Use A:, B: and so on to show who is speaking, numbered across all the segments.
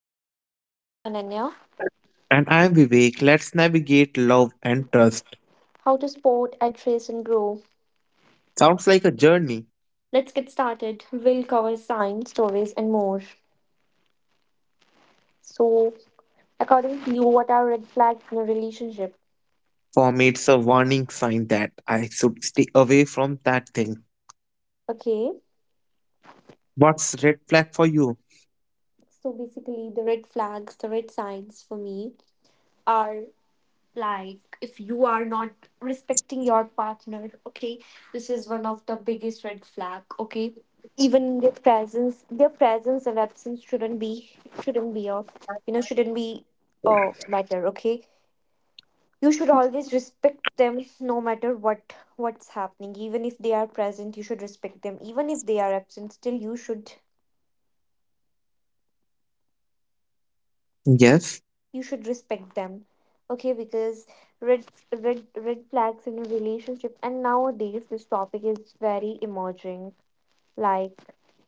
A: Relationship. I'm Ananya.
B: And I'm Vivek. Let's navigate love and trust.
A: How to spot, address, and grow.
B: Sounds like a journey.
A: Let's get started. We'll cover signs, stories, and more. So, according to you, what are red flags in a relationship?
B: For me, it's a warning sign that I should stay away from that thing.
A: Okay.
B: What's red flag for you?
A: So basically, the red flags, the red signs for me are like if you are not respecting your partner, okay, this is one of the biggest red flag. Okay, even their presence, their presence or absence shouldn't be of shouldn't be oh matter. Okay, you should always respect them no matter what what's happening. Even if they are present, you should respect them. Even if they are absent, still
B: Yes.
A: you should respect them. Okay, because red red red flags in a relationship, and nowadays this topic is very emerging, like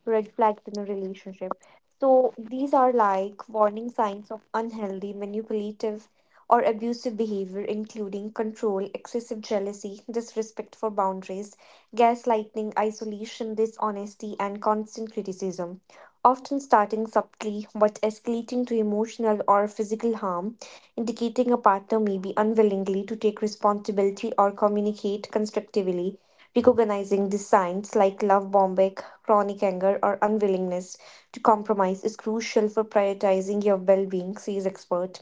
A: red flags in a relationship. So these are like warning signs of unhealthy, manipulative, or abusive behavior, including control, excessive jealousy, disrespect for boundaries, gaslighting, isolation, dishonesty, and constant criticism. Often starting subtly but escalating to emotional or physical harm, indicating a partner may be unwillingly to take responsibility or communicate constructively. Recognizing these signs, like love bombing, chronic anger, or unwillingness to compromise, is crucial for prioritizing your well being, says expert.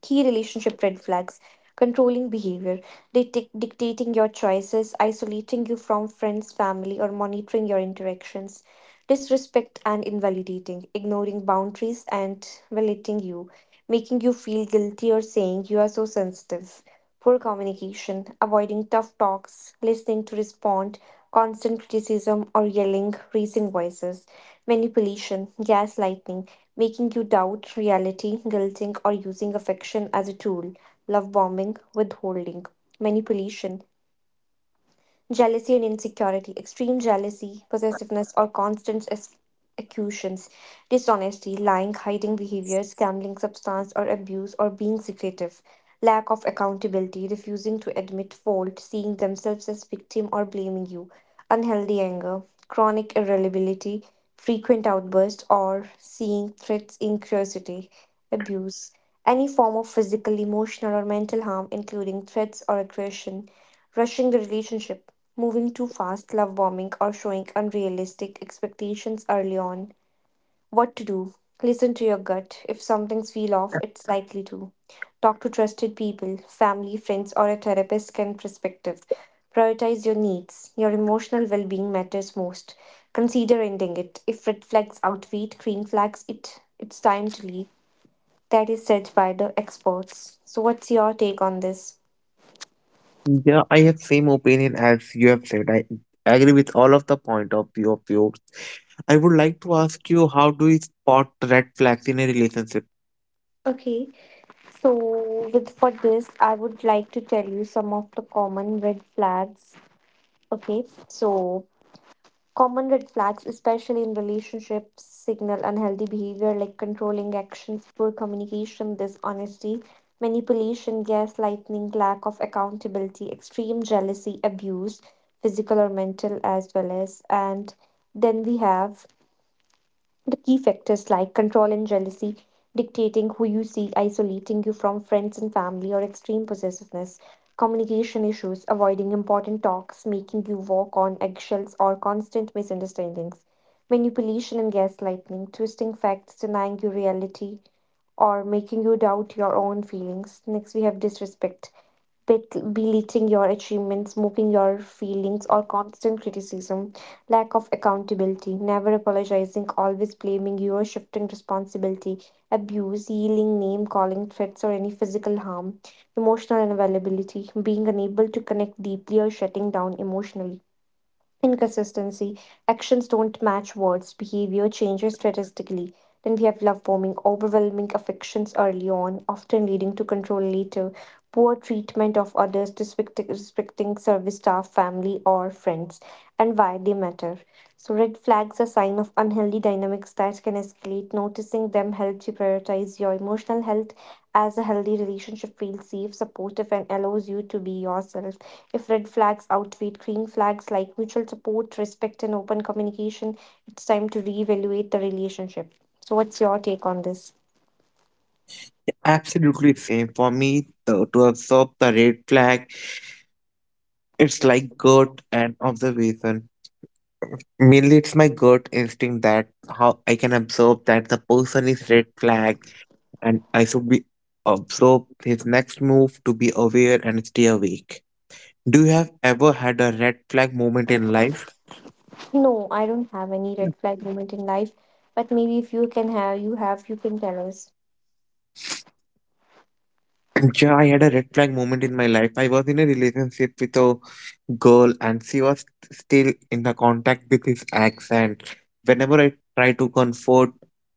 A: Key relationship red flags: controlling behavior, dictating your choices, isolating you from friends, family, or monitoring your interactions; disrespect and invalidating, ignoring boundaries and violating you, making you feel guilty or saying you are so sensitive; poor communication, avoiding tough talks, listening to respond, constant criticism or yelling, raising voices; manipulation, gaslighting, making you doubt reality, guilting, or using affection as a tool, love bombing, withholding, manipulation; jealousy and insecurity, extreme jealousy, possessiveness, or constant accusations; dishonesty, lying, hiding behaviors, gambling, substance or abuse, or being secretive; lack of accountability, refusing to admit fault, seeing themselves as victim or blaming you; unhealthy anger, chronic irritability, frequent outbursts, or seeing threats in curiosity; abuse, any form of physical, emotional, or mental harm, including threats or aggression; rushing the relationship, moving too fast, love bombing, or showing unrealistic expectations early on. What to do? Listen to your gut. If something's feel off, it's likely to. Talk to trusted people, family, friends, or a therapist can perspective. Prioritize your needs. Your emotional well being matters most. Consider ending it. If red flags outweigh green flags, it's time to leave. That is said by the experts. So what's your take on this?
B: Yeah, I have same opinion as you have said. I agree with all of the point of view of yours. I would like to ask you, how do you spot red flags in a relationship?
A: Okay. So, with for this, I would like to tell you some of the common red flags. Okay, so common red flags, especially in relationships, signal unhealthy behavior like controlling actions, poor communication, dishonesty, manipulation, gaslighting, lack of accountability, extreme jealousy, abuse, physical or mental as well as, and then we have the key factors like control and jealousy, dictating who you see, isolating you from friends and family, or extreme possessiveness; communication issues, avoiding important talks, making you walk on eggshells, or constant misunderstandings; manipulation and gaslighting, twisting facts, denying you reality, or making you doubt your own feelings. Next, we have disrespect, belittling your achievements, mocking your feelings, or constant criticism; lack of accountability, never apologizing, always blaming you, or shifting responsibility; abuse, yelling, name calling, threats, or any physical harm; emotional unavailability, being unable to connect deeply or shutting down emotionally. Inconsistency. Actions don't match words. Behavior changes statistically. Then we have love bombing, overwhelming affections early on, often leading to control later. Poor treatment of others, disrespecting service staff, family, or friends. And why they matter. So, red flags are sign of unhealthy dynamics that can escalate. Noticing them helps you prioritize your emotional health, as a healthy relationship feels safe, supportive, and allows you to be yourself. If red flags outweigh green flags like mutual support, respect, and open communication, it's time to reevaluate the relationship. So, what's your take on this?
B: Absolutely same for me. The, to absorb the red flag, it's like gut and observation. Mainly, it's my gut instinct that how I can observe that the person is red flag, and I should be observe his next move to be aware and stay awake. Do you have ever had a red flag moment in life?
A: No, I don't have any red flag moment in life, but maybe if you can have, you can tell us.
B: Yeah, I had a red flag moment in my life. I was in a relationship with a girl and she was still in the contact with his ex, and whenever I try to comfort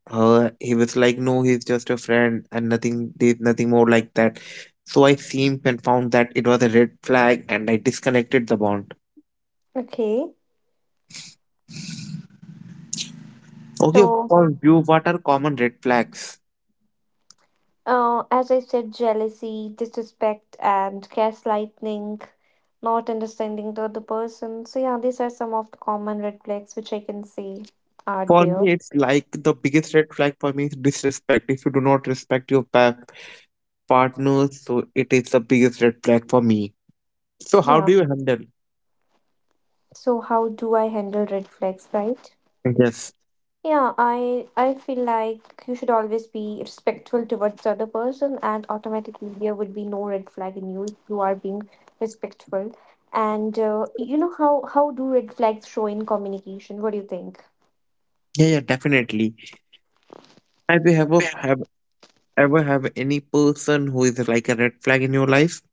B: her, he was like, no, he's just a friend and nothing, there's nothing more like that. So I seemed and found that it was a red flag and I disconnected the bond.
A: Okay.
B: Okay,
A: So,
B: for you, what are common red flags?
A: As I said, jealousy, disrespect, and gaslighting, not understanding the other person. So, yeah, these are some of the common red flags which I can see are
B: For
A: there.
B: me, it's like the biggest red flag for me is disrespect. If you do not respect your partner, so it is the biggest red flag for me. So how
A: Yeah.
B: do you handle?
A: So, how do I handle red flags, right?
B: Yes.
A: Yeah, I feel like you should always be respectful towards the other person, and automatically there would be no red flag in you if you are being respectful. And you know, how do red flags show in communication? What do you think?
B: Yeah, definitely. Have you ever have any person who is like a red flag in your life?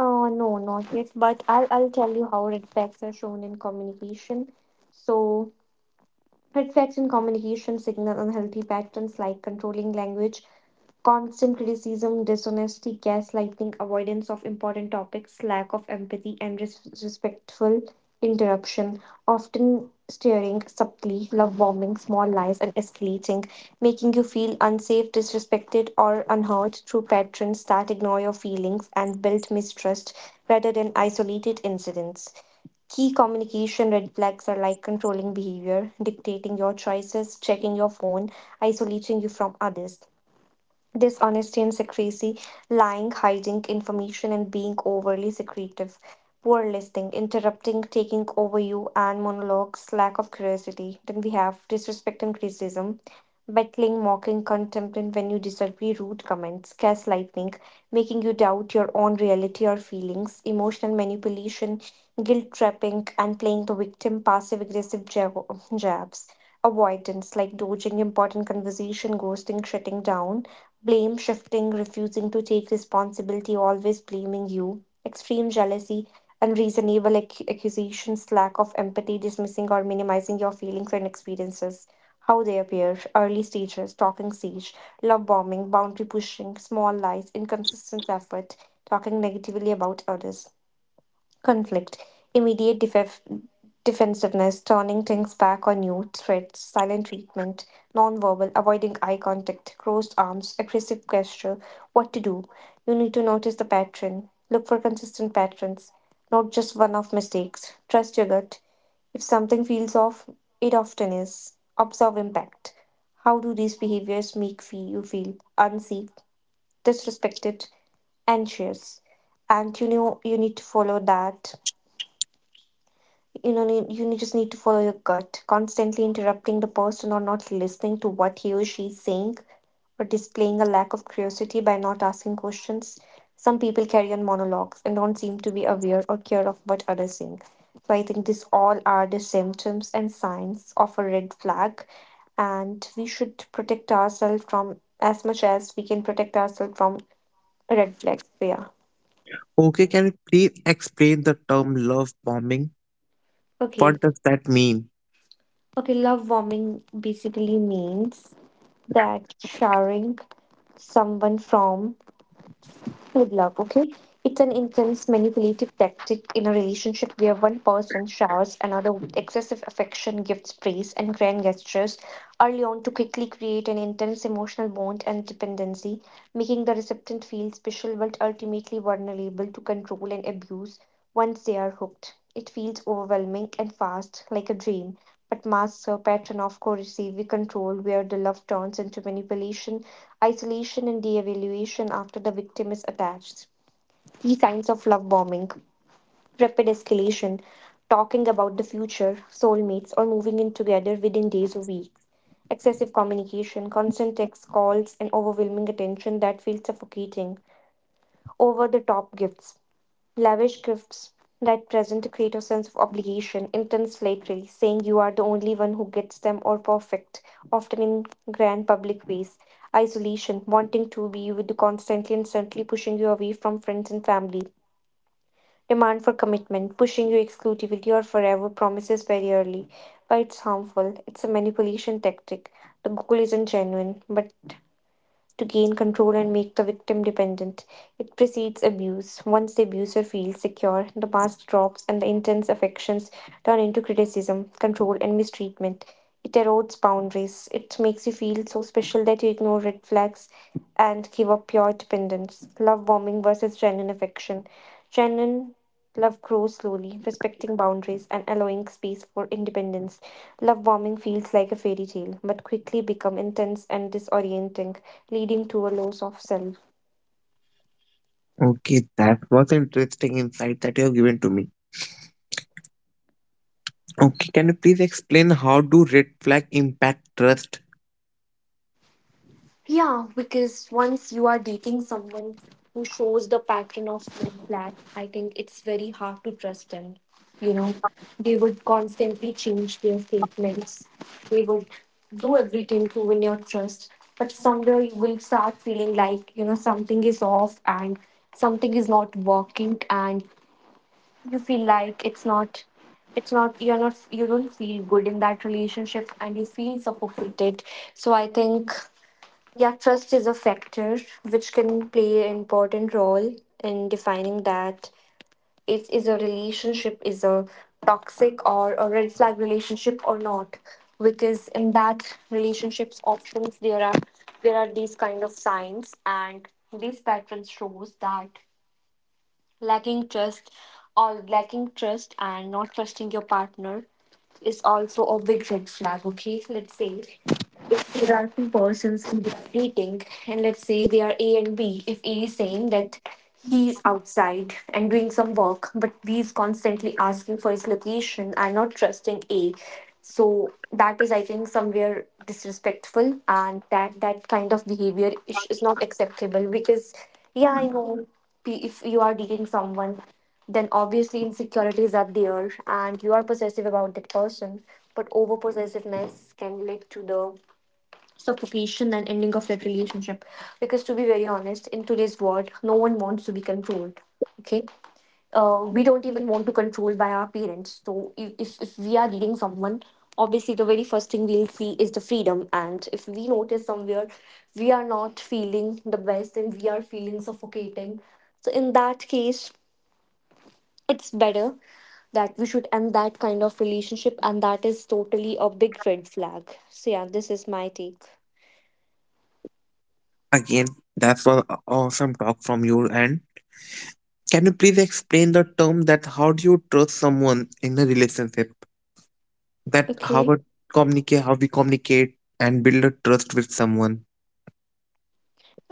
A: No, not yet, but I'll tell you how red flags are shown in communication. So, reflects in communication signal unhealthy patterns like controlling language, constant criticism, dishonesty, gaslighting, avoidance of important topics, lack of empathy, and respectful interruption, often steering subtly, love bombing, small lies, and escalating, making you feel unsafe, disrespected, or unheard through patrons that ignore your feelings and build mistrust rather than isolated incidents. Key communication red flags are like controlling behavior, dictating your choices, checking your phone, isolating you from others. Dishonesty and secrecy, lying, hiding information, and being overly secretive; poor listening, interrupting, taking over you, and monologues, lack of curiosity. Then we have disrespect and criticism, battling, mocking, contempt, and when you disagree, rude comments; gaslighting, making you doubt your own reality or feelings; emotional manipulation, guilt trapping, and playing the victim, passive aggressive jabs. Avoidance like dodging important conversation, ghosting, shutting down; blame shifting, refusing to take responsibility, always blaming you; extreme jealousy, unreasonable accusations; lack of empathy, dismissing or minimizing your feelings and experiences. How they appear early stages, talking siege, love bombing, boundary pushing, small lies, inconsistent effort, talking negatively about others; conflict, immediate defensiveness, turning things back on you, threats, silent treatment; nonverbal, avoiding eye contact, crossed arms, aggressive gesture. What to do? You need to notice the pattern. Look for consistent patterns, not just one off mistakes. Trust your gut. If something feels off, it often is. Observe impact. How do these behaviors make you feel? Unsafe, disrespected, anxious? And you know you need to follow that, need, just need to follow your gut. Constantly interrupting the person or not listening to what he or she is saying, or displaying a lack of curiosity by not asking questions. Some people carry on monologues and don't seem to be aware or care of what others think. So I think these all are the symptoms and signs of a red flag, and we should protect ourselves from as much as we can protect ourselves from red flags. So yeah.
B: Okay, can you please explain the term love bombing?
A: Okay.
B: What does that mean?
A: Okay, love bombing basically means that showering someone from with love, okay? It's an intense manipulative tactic in a relationship where one person showers another with excessive affection, gifts, praise, and grand gestures early on to quickly create an intense emotional bond and dependency, making the recipient feel special but ultimately vulnerable to control and abuse once they are hooked. It feels overwhelming and fast, like a dream, but masks a pattern of coercive we control where the love turns into manipulation, isolation, and de-evaluation after the victim is attached. Key signs of love bombing: rapid escalation, talking about the future, soulmates, or moving in together within days or weeks; excessive communication, constant text calls, and overwhelming attention that feels suffocating; over the top gifts, lavish gifts that present to create a creative sense of obligation; intense flattery, saying you are the only one who gets them or perfect, often in grand public ways; isolation, wanting to be with constantly and certainly pushing you away from friends and family; demand for commitment, pushing you exclusivity or forever promises very early. But it's harmful. It's a manipulation tactic. The goal isn't genuine, but to gain control and make the victim dependent. It precedes abuse. Once the abuser feels secure, the mask drops and the intense affections turn into criticism, control, and mistreatment. It erodes boundaries. It makes you feel so special that you ignore red flags and give up your dependence. Love bombing versus genuine affection. Genuine love grows slowly, respecting boundaries and allowing space for independence. Love bombing feels like a fairy tale, but quickly become intense and disorienting, leading to a loss of self.
B: Okay, that was interesting insight that you have given to me. Okay, can you please explain how do red flag impact trust?
A: Yeah, because once you are dating someone who shows the pattern of red flag, I think it's very hard to trust them. You know, they would constantly change their statements. They would do everything to win your trust. But somewhere you will start feeling like, you know, something is off and something is not working, and you feel like it's not you're not, you don't feel good in that relationship and you feel suffocated. So I think, yeah, trust is a factor which can play an important role in defining that is a relationship is a toxic or a red flag relationship or not. Because in that relationships options there are these kind of signs and these patterns shows that lacking trust or lacking trust and not trusting your partner is also a big red flag, okay? Let's say if there are two persons in are dating and let's say they are A and B, if A is saying that he's outside and doing some work, but B is constantly asking for his location and not trusting A. So that is I think somewhere disrespectful and that kind of behavior is not acceptable because yeah, I know, if you are dating someone, then obviously insecurities are there and you are possessive about that person. But over possessiveness can lead to the suffocation and ending of that relationship. Because to be very honest, in today's world, no one wants to be controlled. Okay. We don't even want to control by our parents. So if we are leading someone, obviously the very first thing we'll see is the freedom. And if we notice somewhere we are not feeling the best and we are feeling suffocating, so in that case, it's better that we should end that kind of relationship, and that is totally a big red flag. So yeah, this is my take.
B: Again, that was awesome talk from your end. Can you please explain the term that how do you trust someone in a relationship? That how
A: Okay,
B: a communicate, how we communicate and build a trust with someone.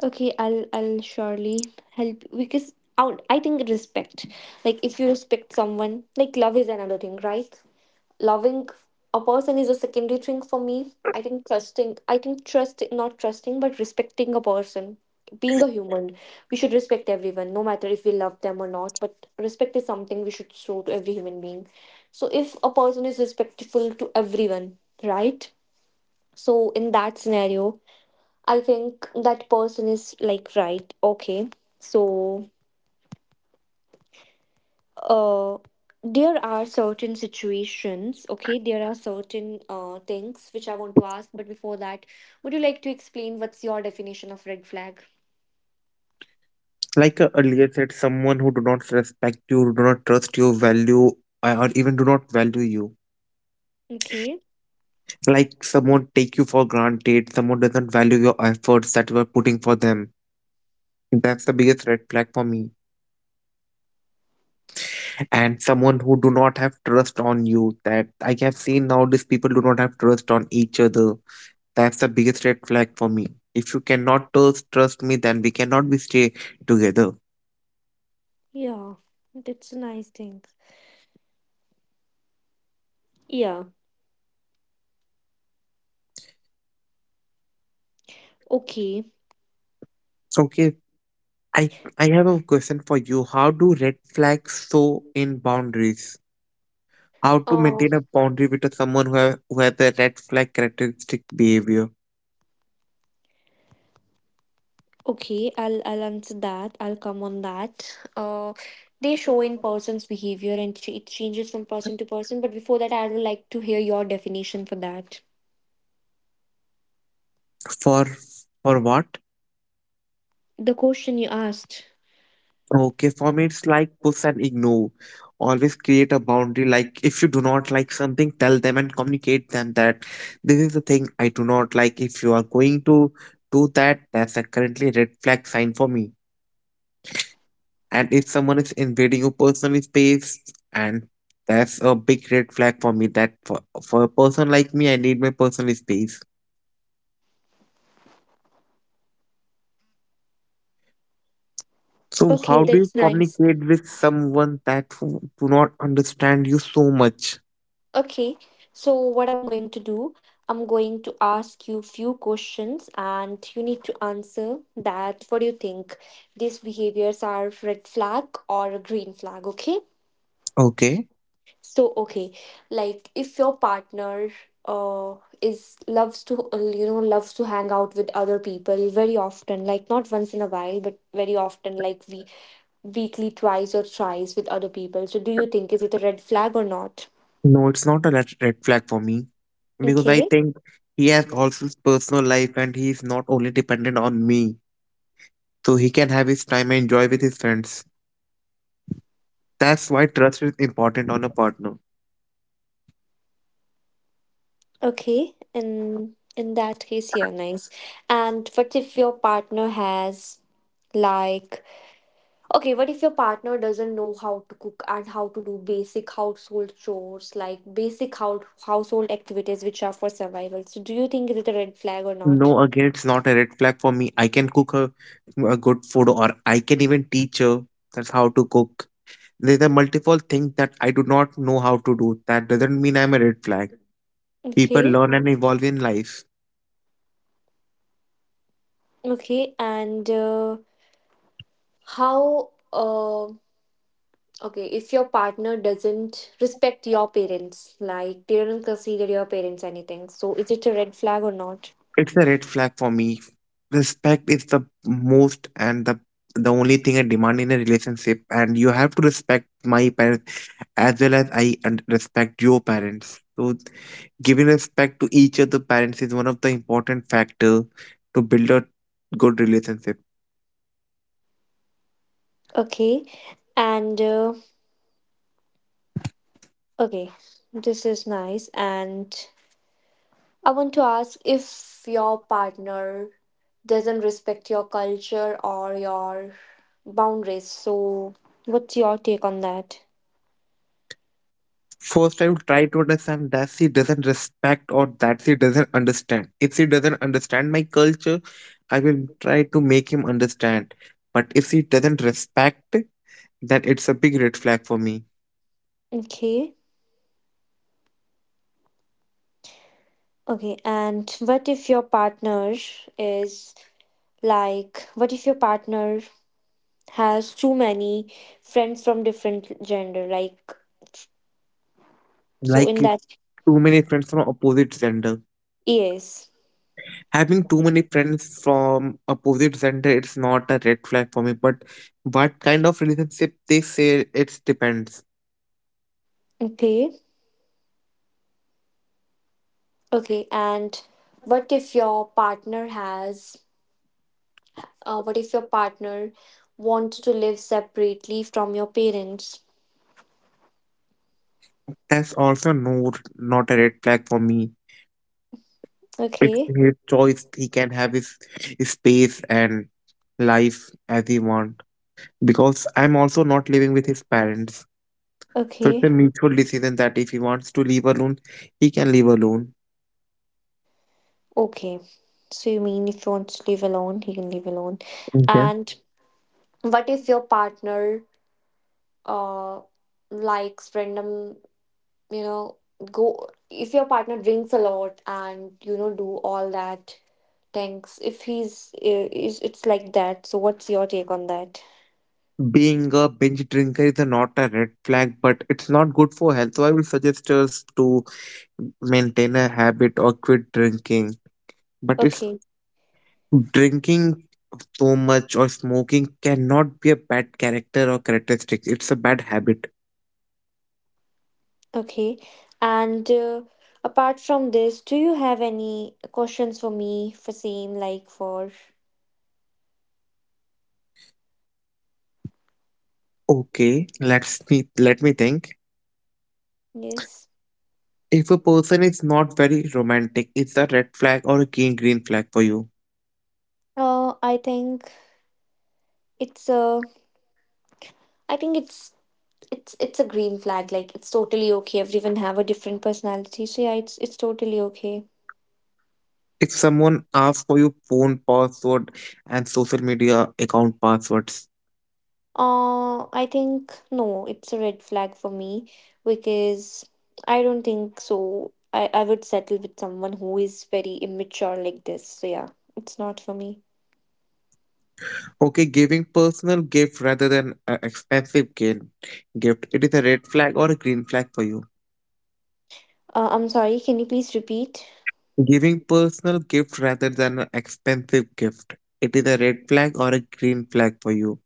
A: okay, I'll surely help you, because I think respect, like if you respect someone, like love is another thing, right? Loving a person is a secondary thing for me. I think trust, not trusting, but respecting a person. Being a human, we should respect everyone, no matter if we love them or not. But respect is something we should show to every human being. So if a person is respectful to everyone, right? So in that scenario, I think that person is like right, okay. So uh, there are certain situations, okay, there are certain things which I want to ask, but before that, would you like to explain what's your definition of red flag?
B: Like earlier said, someone who do not respect you, do not trust your value, or even do not value you.
A: Okay,
B: Like someone take you for granted, someone doesn't value your efforts that you are putting for them. That's the biggest red flag for me. And someone who do not have trust on you. That I have seen nowadays people do not have trust on each other. That's the biggest red flag for me. If you cannot trust me, then we cannot be stay together.
A: yeah, that's a nice thing. Yeah, okay.
B: Okay, I have a question for you. How do red flags show in boundaries? How to
A: Uh,
B: maintain a boundary with a someone who have, who has a red flag characteristic behavior?
A: okay, I'll answer that. I'll come on that. They show in person's behavior and it changes from person to person. But before that, I would like to hear your definition for that.
B: For for what?
A: The question you asked.
B: Okay, for me it's like push and ignore. Always create a boundary. Like if you do not like something, tell them and communicate them that this is the thing I do not like. If you are going to do that, that's a currently red flag sign for me. And if someone is invading your personal space, and that's a big red flag for me that for a person like me, I need my personal space. So
A: Okay,
B: how do you
A: that's nice.
B: communicate with someone that who do not understand you so much?
A: Okay, so what I'm going to do, I'm going to ask you few questions and you need to answer that what do you think these behaviors are red flag or a green flag, okay?
B: Okay.
A: So okay, like if your partner uh is loves to you know loves to hang out with other people very often, like not once in a while, but very often like we weekly twice or thrice with other people. So do you think is it a red flag or not?
B: No, it's not a red flag for me because I
A: Okay.
B: think he has also his personal life and he's not only dependent on me. So he can have his time and enjoy with his friends. That's why trust is important on a partner.
A: Okay, in that case, yeah, nice. And what if your partner has like, okay, what if your partner doesn't know how to cook and how to do basic household chores, like basic house household activities which are for survival? So do you think is it a red flag or not?
B: No, again, it's not a red flag for me. I can cook a good food, or I can even teach her that's how to cook. There are multiple things that I do not know how to do. That doesn't mean I'm a red flag. People
A: Okay,
B: learn and evolve in life.
A: okay, and how okay, if your partner doesn't respect your parents, like they don't consider your parents anything, so is it a red flag or not?
B: It's a red flag for me. Respect is the most and the only thing I demand in a relationship, and you have to respect my parents as well as I and respect your parents. So giving respect to each other parents is one of the important factors to build a good relationship.
A: Okay, and okay, this is nice. And I want to ask if your partner doesn't respect your culture or your boundaries. So, what's your take on that?
B: First, I will try to understand that she doesn't respect or that she doesn't understand. If she doesn't understand my culture, I will try to make him understand. But if she doesn't respect, then it's a big red flag for me.
A: Okay. Okay, and what if your partner is like, what if your partner has too many friends from different gender? Like, so
B: Like
A: in that,
B: too many friends from opposite gender.
A: yes.
B: Having too many friends from opposite gender, it's not a red flag for me, but what kind of relationship they say, it depends.
A: Okay. Okay, and what if your partner has, what if your partner wants to live separately from your parents?
B: That's also no, not a red flag for me. It's
A: Okay,
B: his choice, he can have his space and life as he want, because I'm also not living with his parents. So it's a
A: okay,
B: mutual decision that if he wants to live alone, he can live alone.
A: okay. So you mean if he wants to live alone, he can live alone.
B: Okay.
A: And what if your partner uh likes random, you know, go if your partner drinks a lot and you know do all that things. If he's is it's like that. So what's your take on that?
B: Being a binge drinker is a not a red flag, but it's not good for health. So I will suggest us to maintain a habit or quit drinking. But if
A: Okay.
B: drinking so much or smoking cannot be a bad character or characteristic, it's a bad habit.
A: Okay. And apart from this, do you have any questions for me for same like for
B: Okay, let's me let me think.
A: yes?
B: If a person is not very romantic, it's a red flag or a green flag for you.
A: I think it's a, I think it's it's a green flag. Like it's totally okay. Everyone have a different personality. So yeah, it's totally okay.
B: If someone asks for your phone password and social media account passwords,
A: I think no, it's a red flag for me because I don't think so. I would settle with someone who is very immature like this. So yeah, it's not for me.
B: okay, giving personal gift rather than an expensive gift, gift, it is a red flag or a green flag for you.
A: I'm sorry, can you please repeat?
B: Giving personal gift rather than an expensive gift. It is a red flag or a green flag for you.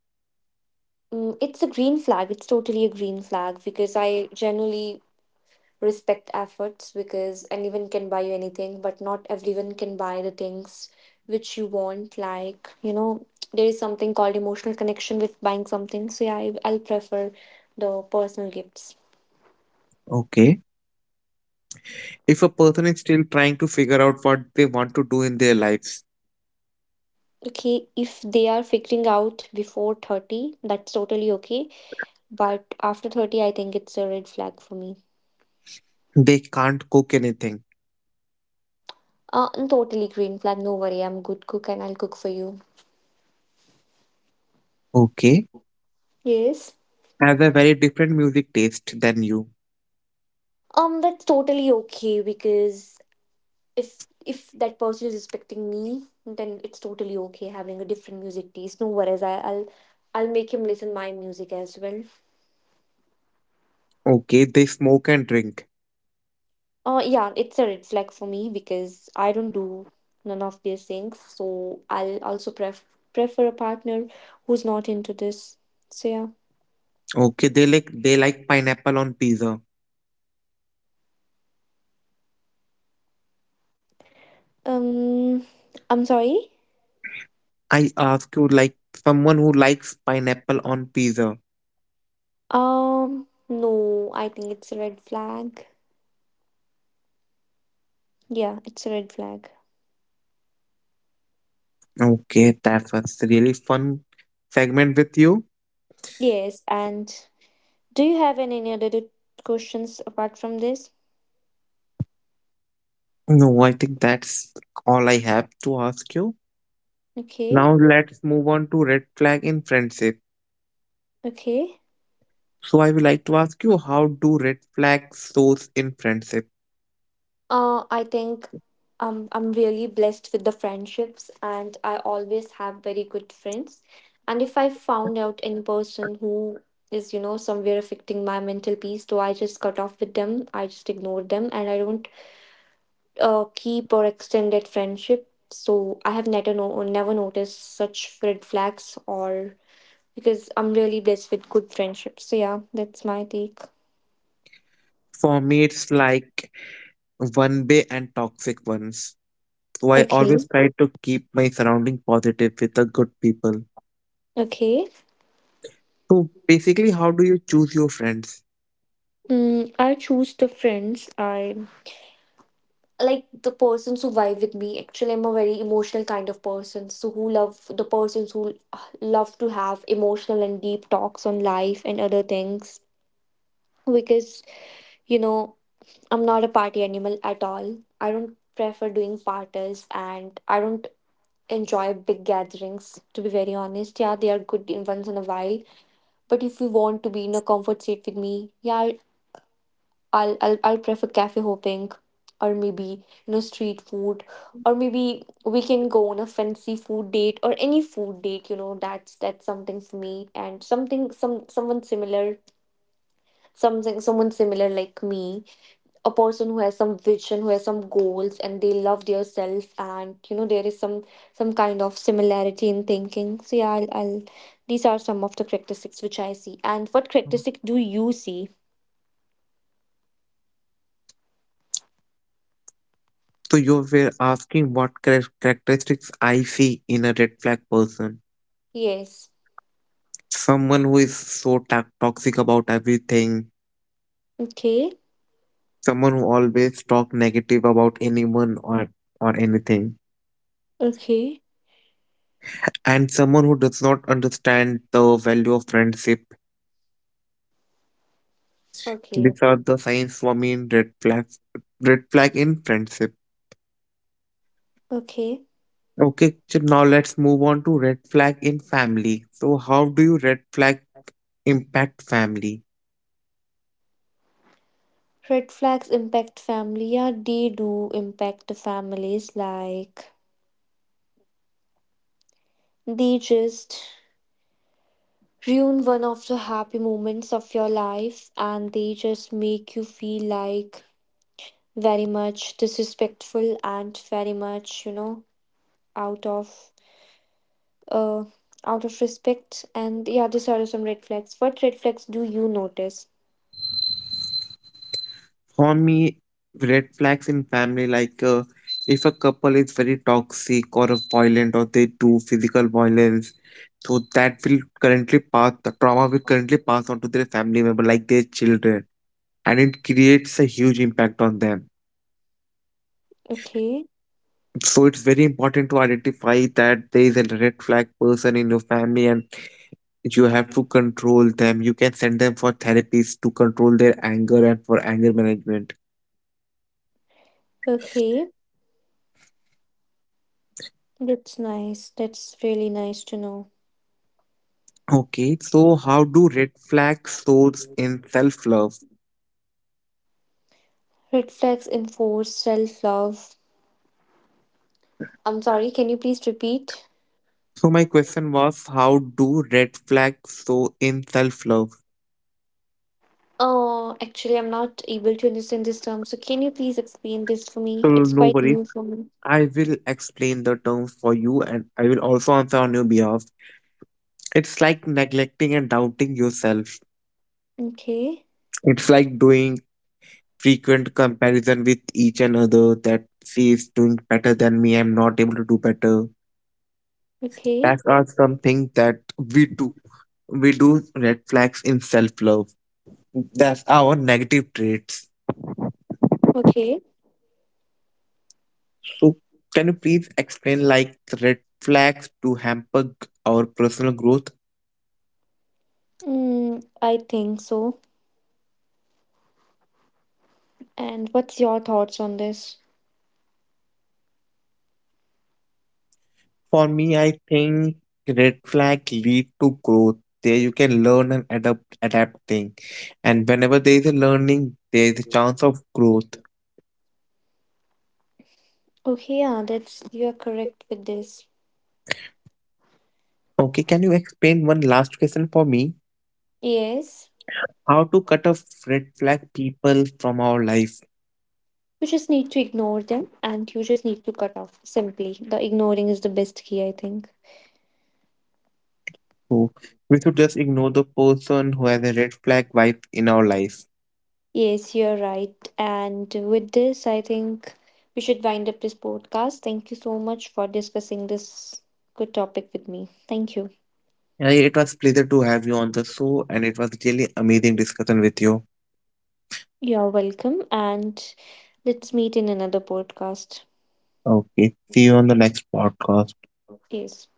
A: Mm, it's a green flag. It's totally a green flag because I generally respect efforts because anyone can buy you anything, but not everyone can buy the things which you want. Like, you know, there is something called emotional connection with buying something. So, yeah, I, I'll prefer the personal gifts.
B: Okay. If a person is still trying to figure out what they want to do in their lives,
A: Okay, if they are figuring out before 30, that's totally okay. But after 30, I think it's a red flag for me.
B: they can't cook anything.
A: And totally green flag. No worry, I'm good cook and I'll cook for you.
B: Okay.
A: Yes.
B: Has a very different music taste than you.
A: That's totally okay because if that person is respecting me, then it's totally okay having a different music taste. No worries, I, I'll make him listen my music as well.
B: Okay. They smoke and drink.
A: Yeah, it's a red flag for me because I don't do none of these things. So I'll also prefer a partner who's not into this. So yeah.
B: Okay. They like pineapple on pizza.
A: Um, I'm sorry.
B: I ask you like someone who likes pineapple on pizza.
A: No, I think it's a red flag. Yeah, it's a red flag.
B: Okay, that was really fun segment with you.
A: Yes, and do you have any other questions apart from this?
B: No, I think that's all I have to ask you. Now
A: Okay,
B: let's move on to red flag in friendship.
A: okay.
B: So I would like to ask you, how do red flags shows in friendship?
A: I think I'm really blessed with the friendships, and I always have very good friends. And if I found out any person who is, you know, somewhere affecting my mental peace, so I just cut off with them, I just ignore them, and I don't keep or extended friendship. So I have never noticed such red flags or because I'm really blessed with good friendships. So yeah, that's my take.
B: For me it's like one way and toxic ones. So I
A: Okay.
B: always try to keep my surrounding positive with the good people.
A: Okay.
B: So basically, how do you choose your friends?
A: Mm, I choose the friends. I like the persons who vibe with me. Actually, I'm a very emotional kind of person. So who love the persons who love to have emotional and deep talks on life and other things because you know I'm not a party animal at all. I don't prefer doing parties and I don't enjoy big gatherings, to be very honest. Yeah, they are good in once in a while. But if you want to be in a comfort seat with me, yeah, I'll I'll prefer cafe hopping or maybe, you know, street food. Or maybe we can go on a fancy food date or any food date, you know, that's something for me and something some someone similar, something someone similar like me, a person who has some vision, who has some goals, and they love their self, and you know there is some kind of similarity in thinking. So yeah, I'll these are some of the characteristics which I see. And what characteristic do you see?
B: So you were asking what characteristics I see in a red flag person.
A: Yes,
B: Someone who is so toxic about everything,
A: okay,
B: someone who always talk negative about anyone or anything,
A: okay,
B: and someone who does not understand the value of friendship.
A: okay,
B: These are the signs for me in red flags. Red flag in friendship.
A: okay.
B: Okay, so now let's move on to red flag in family. So how do you red flag impact family?
A: Red flags impact family, yeah, they do impact the families. Like they just ruin one of the happy moments of your life and they just make you feel like very much disrespectful and very much, you know, out of uh out of respect. And yeah, these are some red flags. What red flags do you notice?
B: For me, red flags in family, like if a couple is very toxic or violent or they do physical violence, so that will currently pass, the trauma will currently pass on to their family member, like their children, and it creates a huge impact on them.
A: Okay.
B: So it's very important to identify that there is a red flag person in your family and you have to control them. You can send them for therapies to control their anger and for anger management.
A: Okay. That's nice. That's really nice to know.
B: Okay, so how do red flags shows in self-love?
A: Red flags enforce self love. I'm sorry, can you please repeat?
B: So my question was, how do red flags show in self-love?
A: Oh, actually, I'm not able to understand this term. So, can you please explain this for
B: So
A: me? It's
B: no
A: quite
B: worries,
A: new for me.
B: I will explain the terms for you, and I will also answer on your behalf. It's like neglecting and doubting yourself.
A: Okay,
B: It's like doing frequent comparison with each another that she is doing better than me. I'm not able to do better.
A: okay,
B: That are something that we do. We do red flags in self-love. That's our negative traits.
A: okay.
B: So, can you please explain like the red flags to hamper our personal growth?
A: Mm, I think so. And what's your thoughts on this?
B: For me, I think red flag lead to growth. There you can learn and adapt thing. And whenever there is a learning, there is a chance of growth.
A: Okay, yeah, that's you are correct with this.
B: Okay, can you explain one last question for me?
A: Yes,
B: How to cut off red flag people from our life?
A: you just need to ignore them and you just need to cut off simply. The ignoring is the best key, I think.
B: So we should just ignore the person who has a red flag vibe in our life.
A: Yes, you're right. And with this, I think we should wind up this podcast. Thank you so much for discussing this good topic with me. Thank you.
B: Yeah, it was pleasure to have you on the show, and it was really amazing discussion with you.
A: You're welcome. And let's meet in another podcast.
B: Okay, see you on the next podcast.
A: Yes.